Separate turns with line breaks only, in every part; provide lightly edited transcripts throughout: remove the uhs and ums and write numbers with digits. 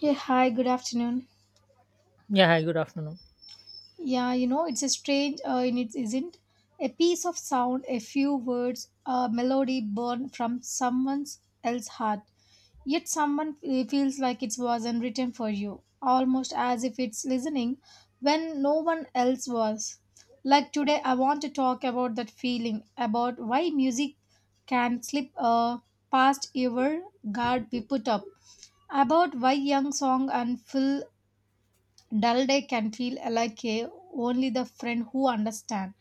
Yeah, hi, good afternoon.
Yeah, hi, good afternoon.
Yeah, you know, it's a strange, and it isn't. A piece of sound, a few words, a melody born from someone else's heart. Yet someone feels like it wasn't written for you, almost as if it's listening when no one else was. Like today, I want to talk about that feeling, about why music can slip past your guard we put up, about why young song and full dull day can feel like a only the friend who understand,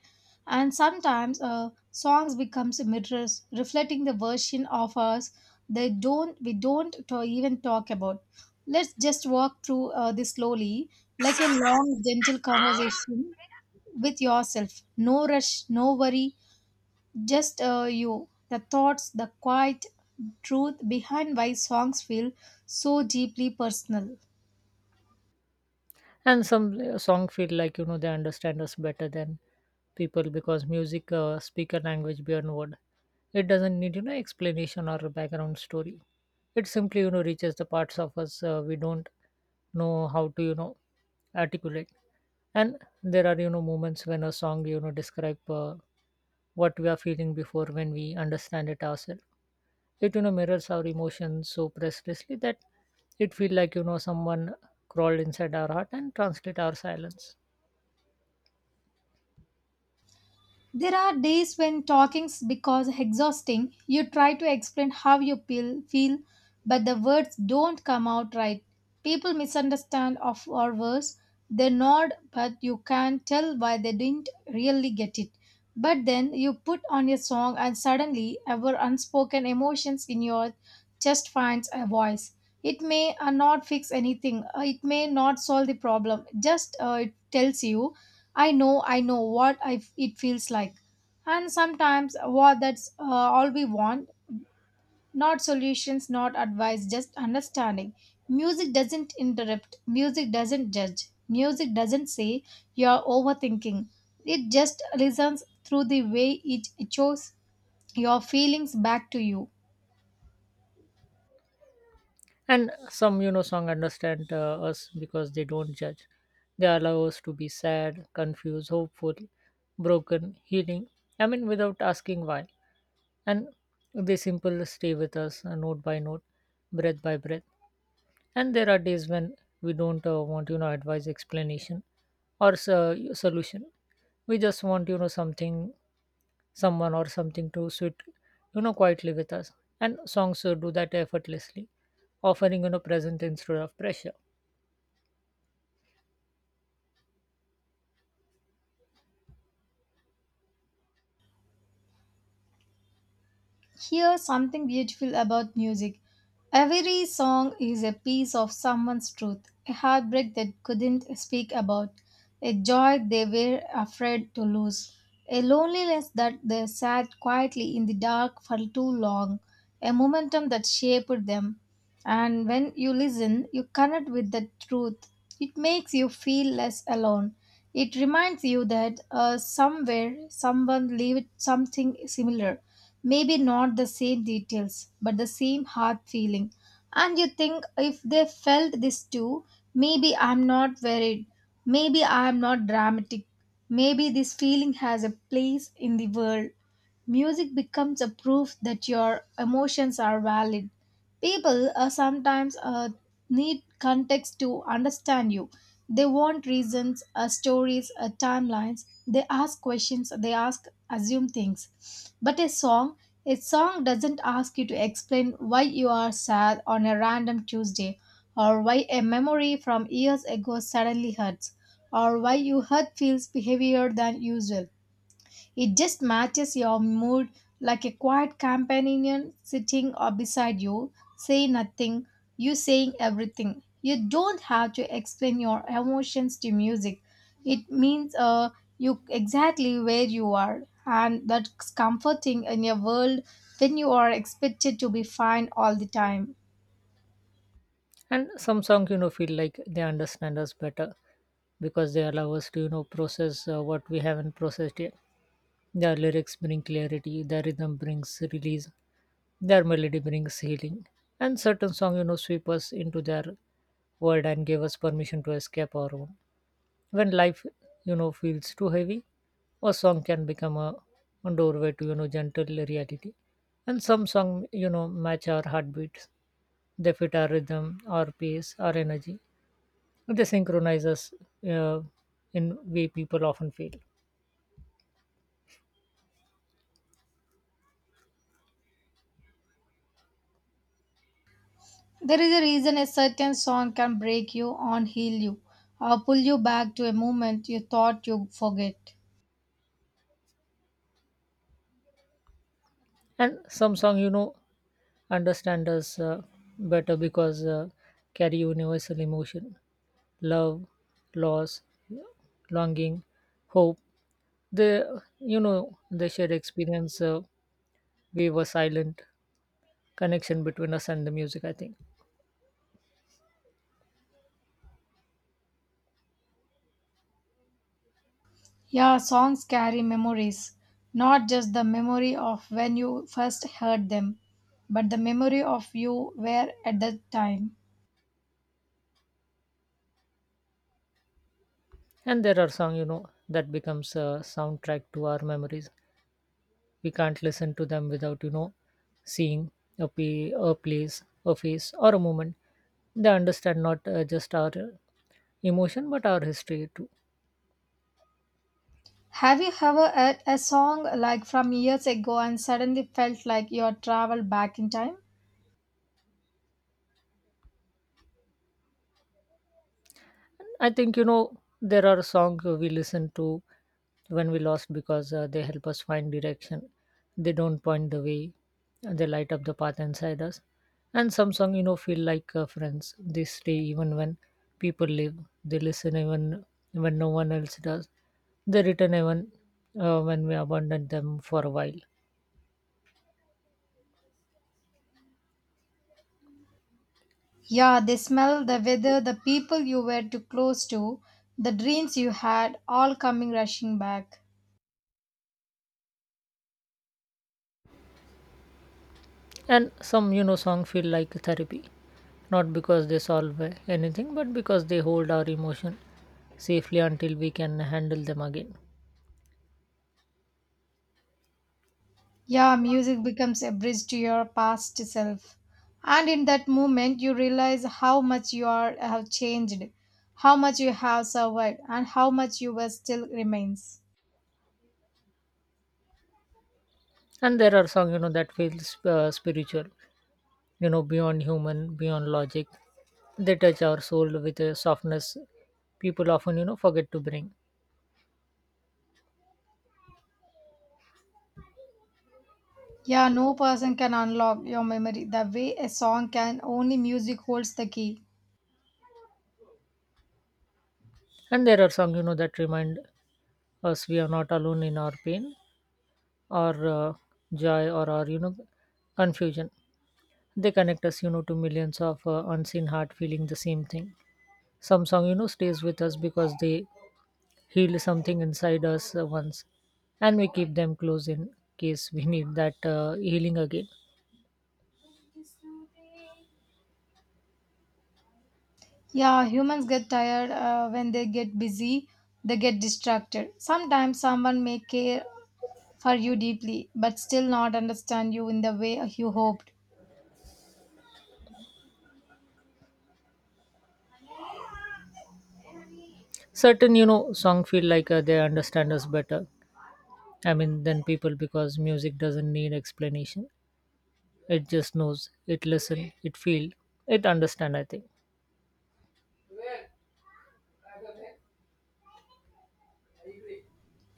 and sometimes songs becomes mirrors reflecting the version of us they don't we don't to even talk about. Let's just walk through this slowly, like a long gentle conversation with yourself, no rush, no worry, just you, the thoughts, the quiet truth behind why songs feel so deeply personal.
And some song feel like they understand us better than people because music speak a language beyond word. It doesn't need explanation or a background story. It simply reaches the parts of us we don't know how to articulate. And there are moments when a song describe what we are feeling before when we understand it ourselves. It mirrors our emotions so precisely that it feel like someone crawled inside our heart and translate our silence.
There are days when talking's because exhausting. You try to explain how you feel, but the words don't come out right. People misunderstand of our words. They nod, but you can't tell why they didn't really get it. But then you put on a song, and suddenly our unspoken emotions in your chest finds a voice. It may not fix anything. It may not solve the problem. Just it tells you I know what it feels like. And sometimes what that's all we want, not solutions, not advice, just understanding. Music doesn't interrupt, music doesn't judge, music doesn't say you're overthinking. It just listens through the way it echoes your feelings back to you.
And some song understand us because they don't judge. They allow us to be sad, confused, hopeful, broken, healing, I mean, without asking why. And they simple stay with us, note by note, breath by breath. And there are days when we don't want advice, explanation, or solution. We just want something, someone or something to sit quietly with us. And songs do that effortlessly, offering present instead of pressure.
Here's something beautiful about music. Every song is a piece of someone's truth, a heartbreak that couldn't speak about, a joy they were afraid to lose, a loneliness that they sat quietly in the dark for too long, a momentum that shaped them. And when you listen, you connect with the truth. It makes you feel less alone. It reminds you that somewhere someone lived something similar. Maybe not the same details, but the same heart feeling. And you think if they felt this too, maybe I'm not worried. Maybe I'm not dramatic. Maybe this feeling has a place in the world. Music becomes a proof that your emotions are valid. People sometimes need context to understand you. They want reasons, stories, timelines. They ask questions, they ask, assume things. But a song doesn't ask you to explain why you are sad on a random Tuesday, or why a memory from years ago suddenly hurts, or why your hurt feels heavier than usual. It just matches your mood like a quiet companion sitting or beside you, saying nothing, you saying everything. You don't have to explain your emotions to music. It means you exactly where you are, and that's comforting in your world when you are expected to be fine all the time.
And some songs feel like they understand us better because they allow us to process what we haven't processed yet. Their lyrics bring clarity, their rhythm brings release, their melody brings healing. And certain songs, sweep us into their world and give us permission to escape our own. When life, feels too heavy, a song can become a doorway to, gentle reality. And some songs, match our heartbeats. They fit our rhythm, our pace, our energy. They synchronize us uh, in way people often feel.
There is a reason a certain song can break you and heal you, or pull you back to a moment you thought you forget.
And some song, understand us better because carry universal emotion, love, loss, longing, hope. They you know they shared experience, we were silent connection between us and the music, I think.
Yeah, songs carry memories, not just the memory of when you first heard them, but the memory of you were at that time.
And there are song that becomes a soundtrack to our memories. We can't listen to them without seeing a place, a face or a moment. They understand not just our emotion but our history too.
Have you ever heard a song like from years ago and suddenly felt like you had traveled back in time?
I think there are songs we listen to when we lost because they help us find direction. They don't point the way, and they light up the path inside us. And some songs feel like friends. They stay even when people leave. They listen even when no one else does. They return even when we abandon them for a while.
Yeah, the smell, the weather, the people you were too close to, the dreams you had all coming rushing back.
And some song feel like therapy, not because they solve anything but because they hold our emotion safely until we can handle them again.
Yeah, music becomes a bridge to your past self. And in that moment, you realize how much you are, have changed, how much you have survived, and how much you were still remains.
And there are songs that feels spiritual, beyond human, beyond logic. They touch our soul with a softness people often forget to bring.
Yeah, no person can unlock your memory the way a song can, only music holds the key.
And there are songs that remind us we are not alone in our pain, our joy, or our confusion. They connect us, to millions of unseen heart feeling the same thing. Some song, stays with us because they heal something inside us once, and we keep them close in case we need that healing again.
Yeah, humans get tired when they get busy, they get distracted. Sometimes someone may care for you deeply, but still not understand you in the way you hoped.
Certain, song feel like they understand us better. I mean, than people because music doesn't need explanation. It just knows, it listen, it feel, it understand, I think.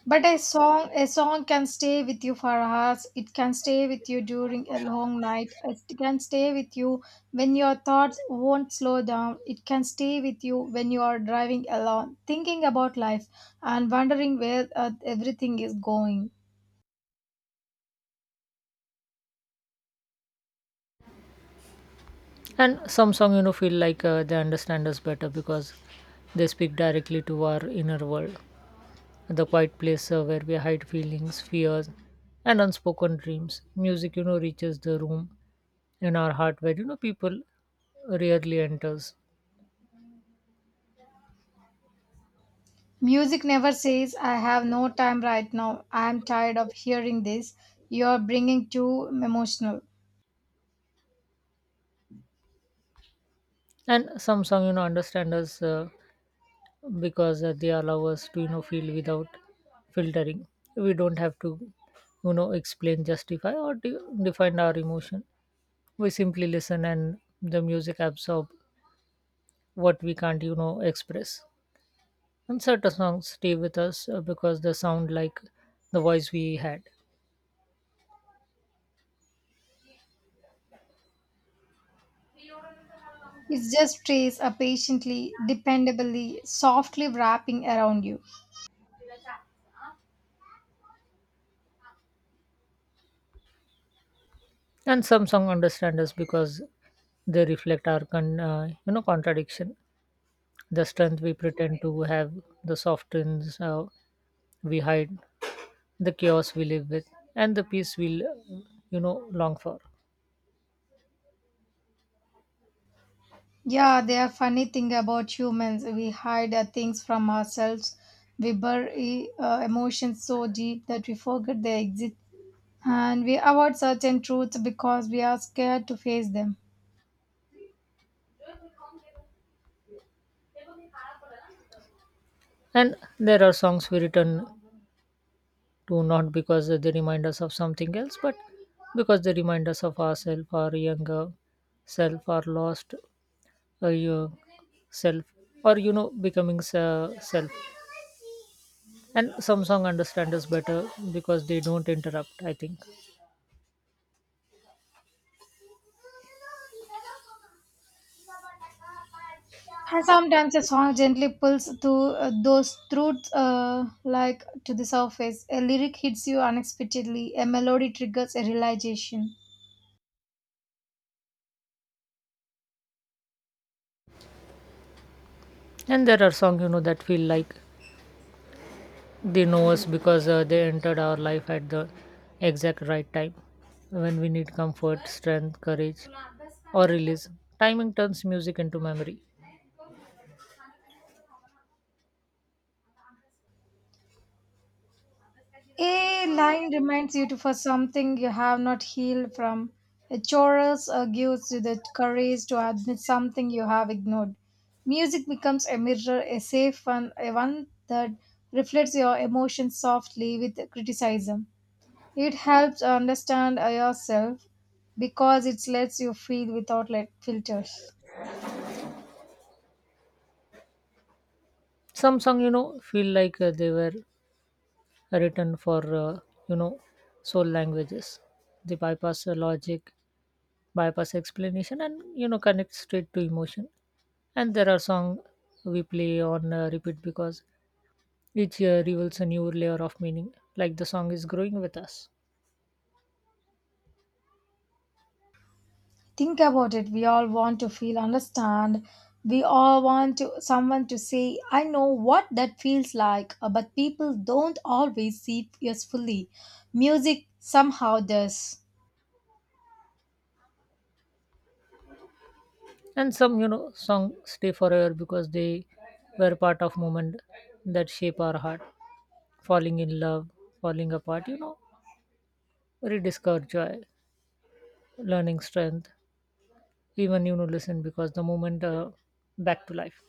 But a song can stay with you for hours. It can stay with you during a long night. It can stay with you when your thoughts won't slow down. It can stay with you when you are driving alone, thinking about life and wondering where everything is going.
And some song, feel like they understand us better because they speak directly to our inner world, the quiet place where we hide feelings, fears, and unspoken dreams. Music, reaches the room in our heart where people rarely enters.
Music never says, I have no time right now. I am tired of hearing this. You are bringing too emotional.
And some song, understand us because they allow us to feel without filtering. We don't have to explain, justify, or define our emotion. We simply listen, and the music absorb what we can't express. And certain songs stay with us because they sound like the voice we had.
It just stays patiently, dependably, softly wrapping around you.
And some songs understand us because they reflect our contradiction, the strength we pretend to have, the softens we hide, the chaos we live with, and the peace we long for.
Yeah, they are funny thing about humans. We hide things from ourselves. We bury emotions so deep that we forget they exist, and we avoid certain truths because we are scared to face them.
And there are songs we return to not because they remind us of something else, but because they remind us of ourselves, our younger self, our lost your self, or becoming self. And some song understand us better because they don't interrupt, I think.
And sometimes a song gently pulls to those truths like to the surface. A lyric hits you unexpectedly. A melody triggers a realization.
And there are songs that feel like they know us because they entered our life at the exact right time when we need comfort, strength, courage, or release. Timing turns music into memory.
A line reminds you to for something you have not healed from. A chorus gives you the courage to admit something you have ignored. Music becomes a mirror, a safe one, a one that reflects your emotions softly with criticism. It helps understand yourself because it lets you feel without like filters.
Some song feel like they were written for you know soul languages. They bypass the logic, bypass explanation, and connect straight to emotion. And there are songs we play on repeat because each year reveals a new layer of meaning, like the song is growing with us.
Think about it. We all want to feel understand. We all want to someone to say, I know what that feels like, but people don't always see it fully. Music somehow does.
And some songs stay forever because they were part of moment that shape our heart: falling in love, falling apart, rediscover joy, learning strength, even listen because the moment back to life.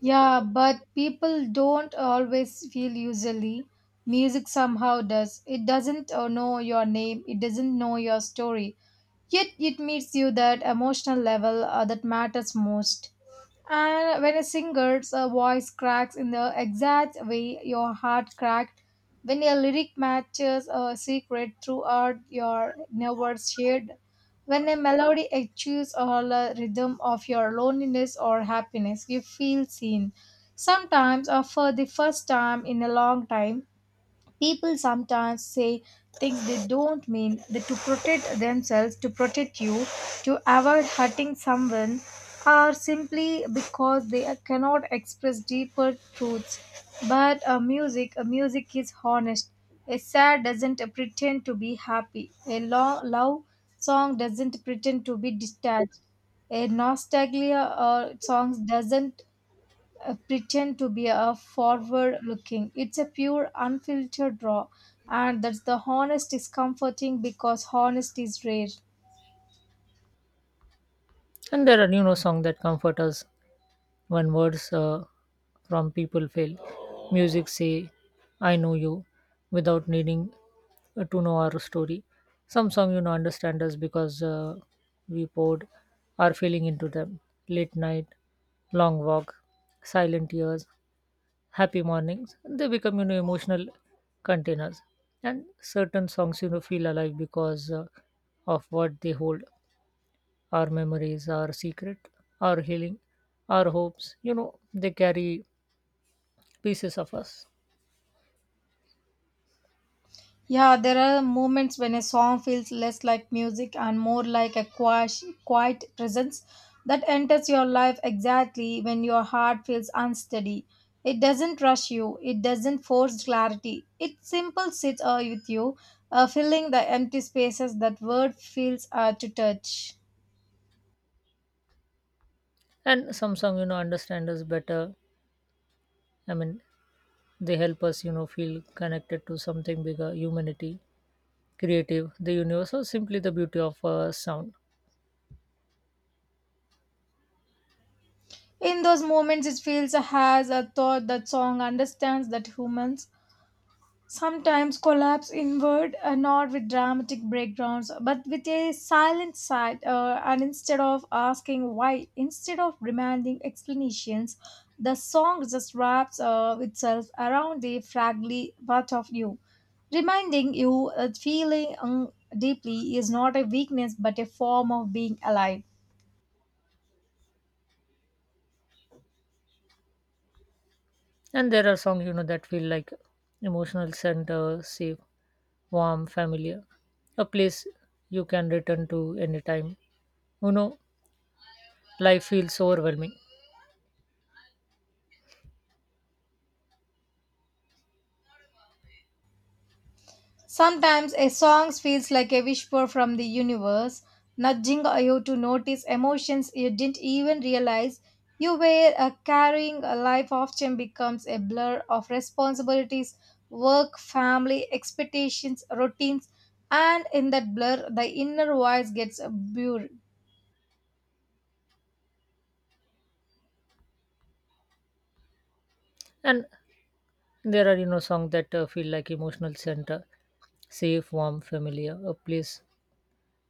Yeah, but people don't always feel usually. Music somehow does. It doesn't know your name, it doesn't know your story. Yet it meets you that emotional level that matters most. And when a singer's voice cracks in the exact way your heart cracked, when a lyric matches a secret throughout your never shared, when a melody achieves all the rhythm of your loneliness or happiness, you feel seen. Sometimes, or for the first time in a long time, people sometimes say things they don't mean that to protect themselves, to protect you, to avoid hurting someone, or simply because they cannot express deeper truths. But a music is honest. A sad doesn't pretend to be happy. A love song doesn't pretend to be detached. A nostalgia songs doesn't pretend to be a forward looking. It's a pure unfiltered raw, and that's the honest is comforting because honesty is rare.
And there are songs that comfort us. When words from people fail, music say, "I know you," without needing to know our story. Some song understand us because we poured our feeling into them. Late night, long walk, silent years, happy mornings. They become emotional containers. And certain songs feel alive because of what they hold: our memories, our secret, our healing, our hopes. They carry pieces of us.
Yeah, there are moments when a song feels less like music and more like a quiet, quiet presence that enters your life exactly when your heart feels unsteady. It doesn't rush you, it doesn't force clarity, it simple sits with you, filling the empty spaces that word feels to touch.
And Samsung, understand us better. I mean, they help us, feel connected to something bigger, humanity, creative, the universe, or simply the beauty of sound.
In those moments, it feels has a thought that song understands that humans sometimes collapse inward, not with dramatic breakdowns, but with a silent sigh. And instead of asking why, instead of demanding explanations, the song just wraps itself around the fragile part of you, reminding you that feeling deeply is not a weakness but a form of being alive.
And there are songs, that feel like emotional center, safe, warm, familiar, a place you can return to anytime. You know, life feels overwhelming.
Sometimes a song feels like a whisper from the universe, nudging you to notice emotions you didn't even realize you were carrying. A life often becomes a blur of responsibilities, work, family, expectations, routines, and in that blur, the inner voice gets blurred.
And there are, songs that feel like emotional center, safe, warm, familiar, a place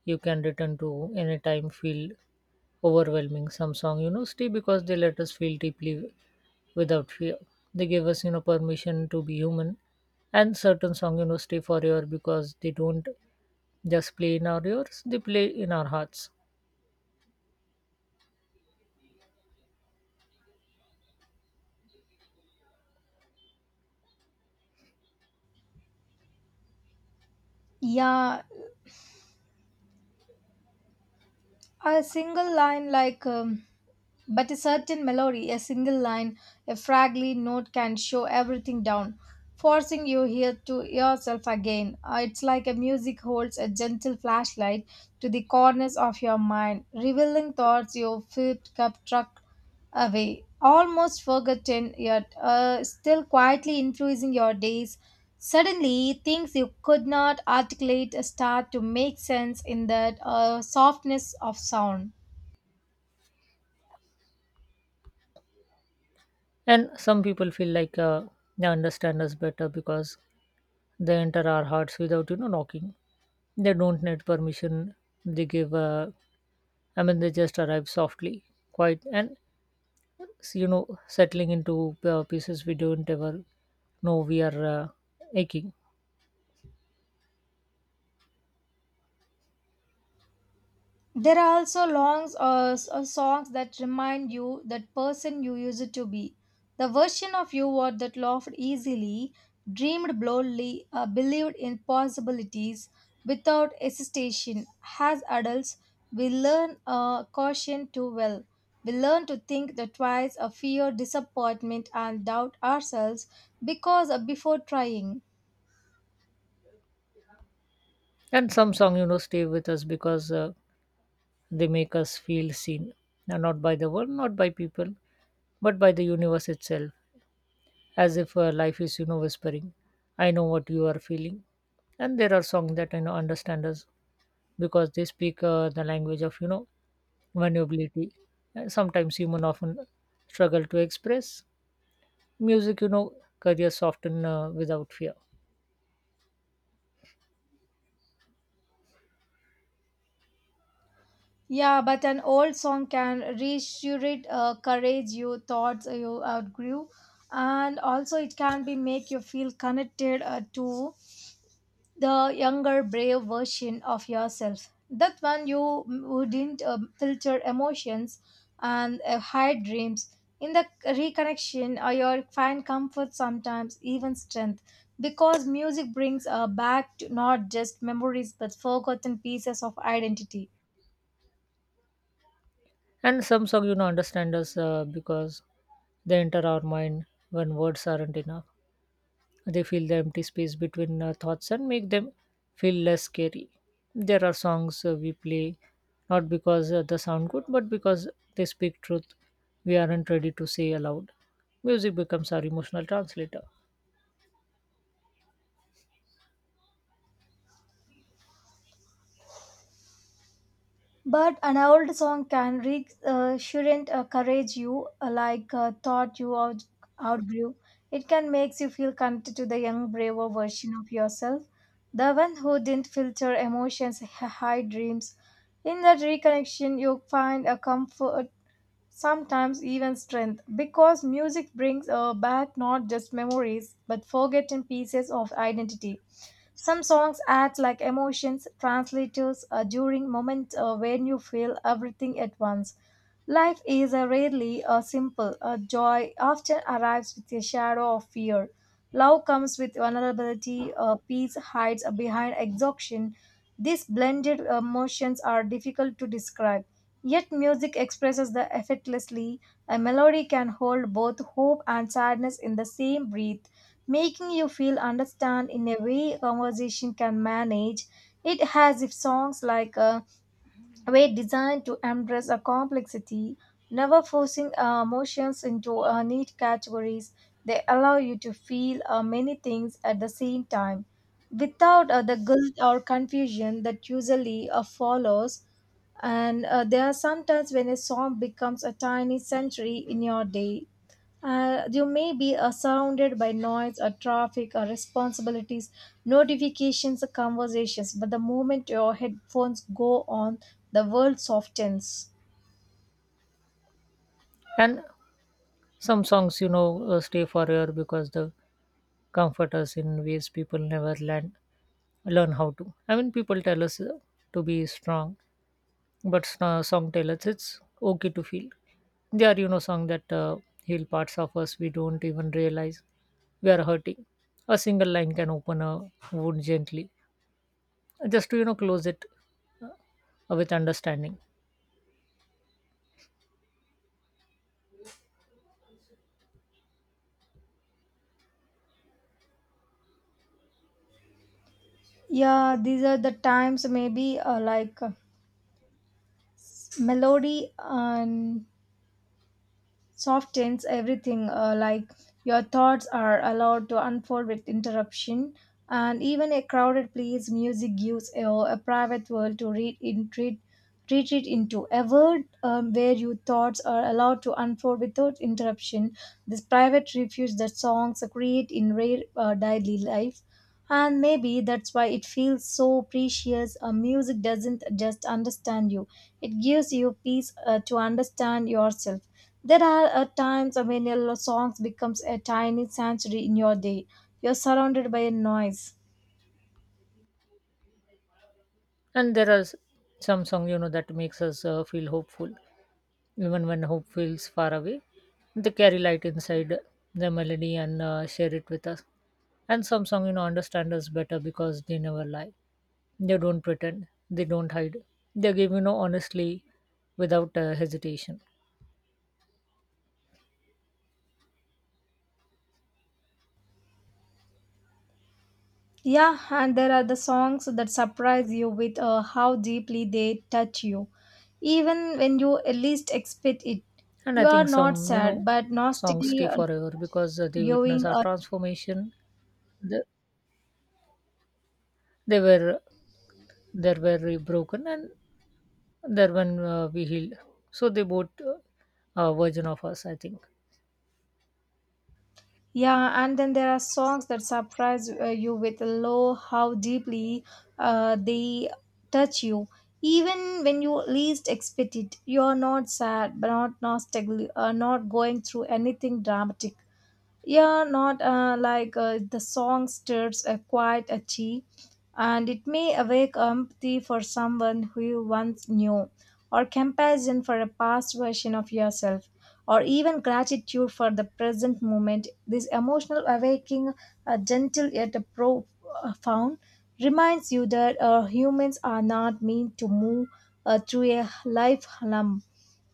you can return to anytime. Feel overwhelming. Some song, stay because they let us feel deeply without fear. They give us, permission to be human. And certain song, stay forever because they don't just play in our ears; they play in our hearts.
Yeah, a single line like. But a certain melody, a single line, a fragile note can show everything down, forcing you here to yourself again. It's like a music holds a gentle flashlight to the corners of your mind, revealing thoughts you flipped up truck away, almost forgotten yet still quietly influencing your days. Suddenly, things you could not articulate start to make sense in that softness of sound.
And some people feel like they understand us better because they enter our hearts without, knocking. They don't need permission. They give, I mean, they just arrive softly, quiet, and settling into pieces we don't ever know we are aching.
There are also longs songs that remind you that person you used to be. The version of you what that laughed easily, dreamed boldly, believed in possibilities without hesitation. As adults, we learn caution too well. We learn to think that twice, fear, disappointment, and doubt ourselves because before trying.
And some song, stay with us because they make us feel seen, and not by the world, not by people, but by the universe itself, as if life is, whispering, "I know what you are feeling." And there are songs that understand us because they speak the language of vulnerability, sometimes human often struggle to express. Music careers often without fear.
Yeah, but an old song can resurrect courage you thoughts you outgrew, and also it can be make you feel connected to the younger, brave version of yourself. That one you wouldn't filter emotions and hide dreams. In the reconnection, you find comfort sometimes even strength, because music brings back to not just memories but forgotten pieces of identity.
And some song understand us because they enter our mind when words aren't enough. They fill the empty space between thoughts and make them feel less scary. There are songs we play not because they sound good but because they speak truth we aren't ready to say aloud. Music becomes our emotional translator.
But an old song can shouldn't encourage you like thought you outgrew. It can make you feel connected to the young, braver version of yourself, the one who didn't filter emotions, high dreams. In that reconnection, you find a comfort, sometimes even strength, because music brings back not just memories but forgotten pieces of identity. Some songs act like emotions translators during moments when you feel everything at once. Life is rarely simple. Joy often arrives with a shadow of fear. Love comes with vulnerability. Peace hides behind exhaustion. These blended emotions are difficult to describe. Yet music expresses them effortlessly. A melody can hold both hope and sadness in the same breath, making you feel understand in a way conversation can manage. It has if songs like were designed to embrace a complexity, never forcing emotions into neat categories. They allow you to feel many things at the same time without the guilt or confusion that usually follows. And there are sometimes when a song becomes a tiny century in your day. You may be surrounded by noise or traffic or responsibilities, notifications or conversations, but the moment your headphones go on, the world softens.
And some songs, stay forever because they comfort us in ways people never learn how to. I mean, people tell us to be strong, but song tell us it's okay to feel. They are, song that heal parts of us we don't even realize we are hurting. A single line can open a wound gently, just to, close it uh, with understanding.
Yeah, these are the times maybe like melody and softens everything like your thoughts are allowed to unfold with interruption, and even a crowded place music gives a private world to read in read, retreat into a world where your thoughts are allowed to unfold without interruption. This private refuge that songs create in rare daily life, and maybe that's why it feels so precious. Music doesn't just understand you, it gives you peace to understand yourself. There are times when your songs becomes a tiny sanctuary in your day. You're surrounded by a noise.
And there are some song, that makes us feel hopeful. Even when hope feels far away, they carry light inside their melody and share it with us. And some songs, understand us better because they never lie. They don't pretend. They don't hide. They give, honestly without hesitation.
Yeah, and there are the songs that surprise you with how deeply they touch you. Even when you least expect it,
And
you
I
are
think
not
some,
sad, but
songs
nostalgically
stay
uh,
forever because they witness
going
our transformation. They, they were they were very broken and there when we healed. So they both a version of us, I think.
yeah, and then there are songs that surprise you with low how deeply they touch you. Even when you least expect it, you're not sad, but not nostalgic, not going through anything dramatic. Yeah, not like the song stirs a quiet itchy, and it may awake empathy for someone who you once knew, or compassion for a past version of yourself, or even gratitude for the present moment. This emotional awakening, gentle yet profound, reminds you that humans are not meant to move through a life lump.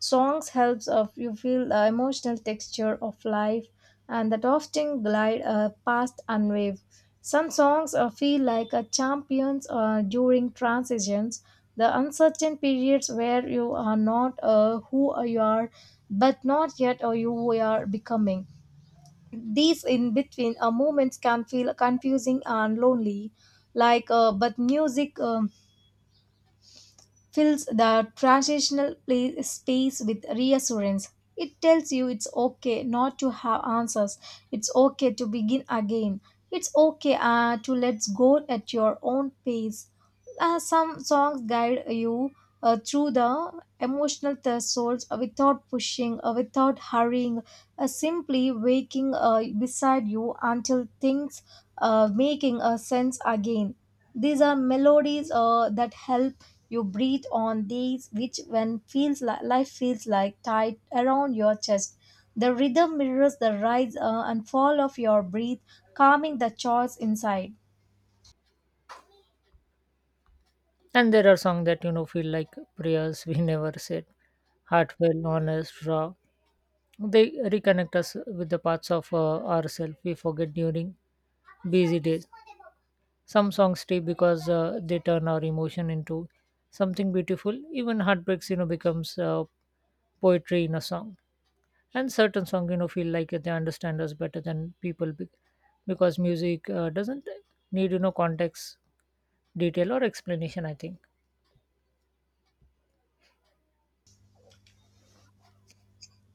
Songs helps of you feel the emotional texture of life, and that often glide past unwaved. Some songs feel like a champions during transitions, the uncertain periods where you are not who you are, but not yet you are becoming. These in between moments can feel confusing and lonely, like but music. Fills the transitional space with reassurance. It tells you it's okay not to have answers. It's okay to begin again. It's okay to let go at your own pace. Some songs guide you through the emotional thresholds without pushing, without hurrying, simply waking beside you until things making a sense again. These are melodies that help you breathe on days which when feels like life feels like tight around your chest. The rhythm mirrors the rise and fall of your breath, calming the chaos inside.
And there are songs that feel like prayers we never said, heartfelt, honest, raw. They reconnect us with the parts of ourselves we forget during busy days. Some songs stay because they turn our emotion into something beautiful. Even heartbreaks, becomes poetry in a song. And certain songs, feel like they understand us better than people because music doesn't need, context, detail, or explanation, I think.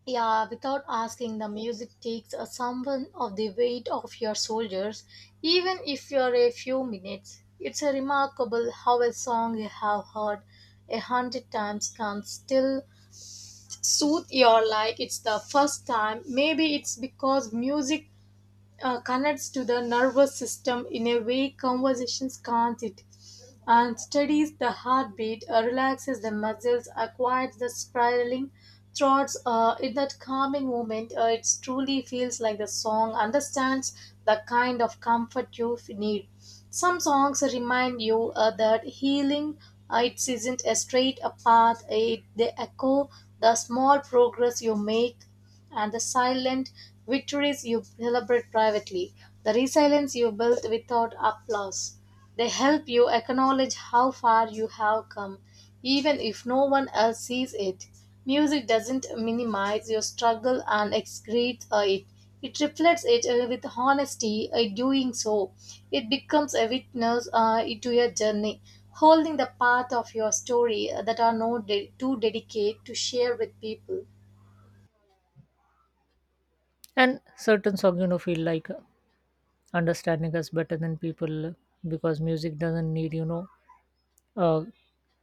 Yeah, without asking, the music takes a someone of the weight of your soldiers, even if you're a few minutes. It's a remarkable how a song you have heard 100 times can still soothe your like it's the first time. Maybe it's because music connects to the nervous system in a way conversations can't it, and steadies the heartbeat, relaxes the muscles, quiets the spiraling thoughts in that calming moment. It truly feels like the song understands the kind of comfort you need. Some songs remind you that healing it isn't a straight path. It, they echo the small progress you make and the silent victories you celebrate privately, the resilience you built without applause. They help you acknowledge how far you have come, even if no one else sees it. Music doesn't minimize your struggle and excretes it. It reflects it with honesty. Doing so, it becomes a witness to your journey, holding the path of your story that are not too delicate to share with people.
And certain songs, feel like understanding us better than people because music doesn't need, uh,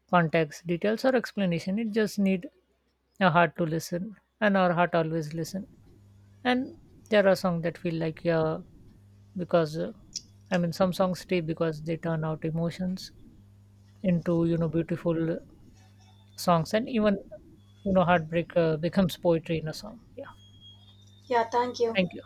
context, details, or explanation. It just need a heart to listen, and our heart always listen. And there are songs that feel like, yeah, because I mean, some songs stay because they turn out emotions into, beautiful songs, and even, heartbreak becomes poetry in a song. Yeah.
Yeah, thank you.
Thank you.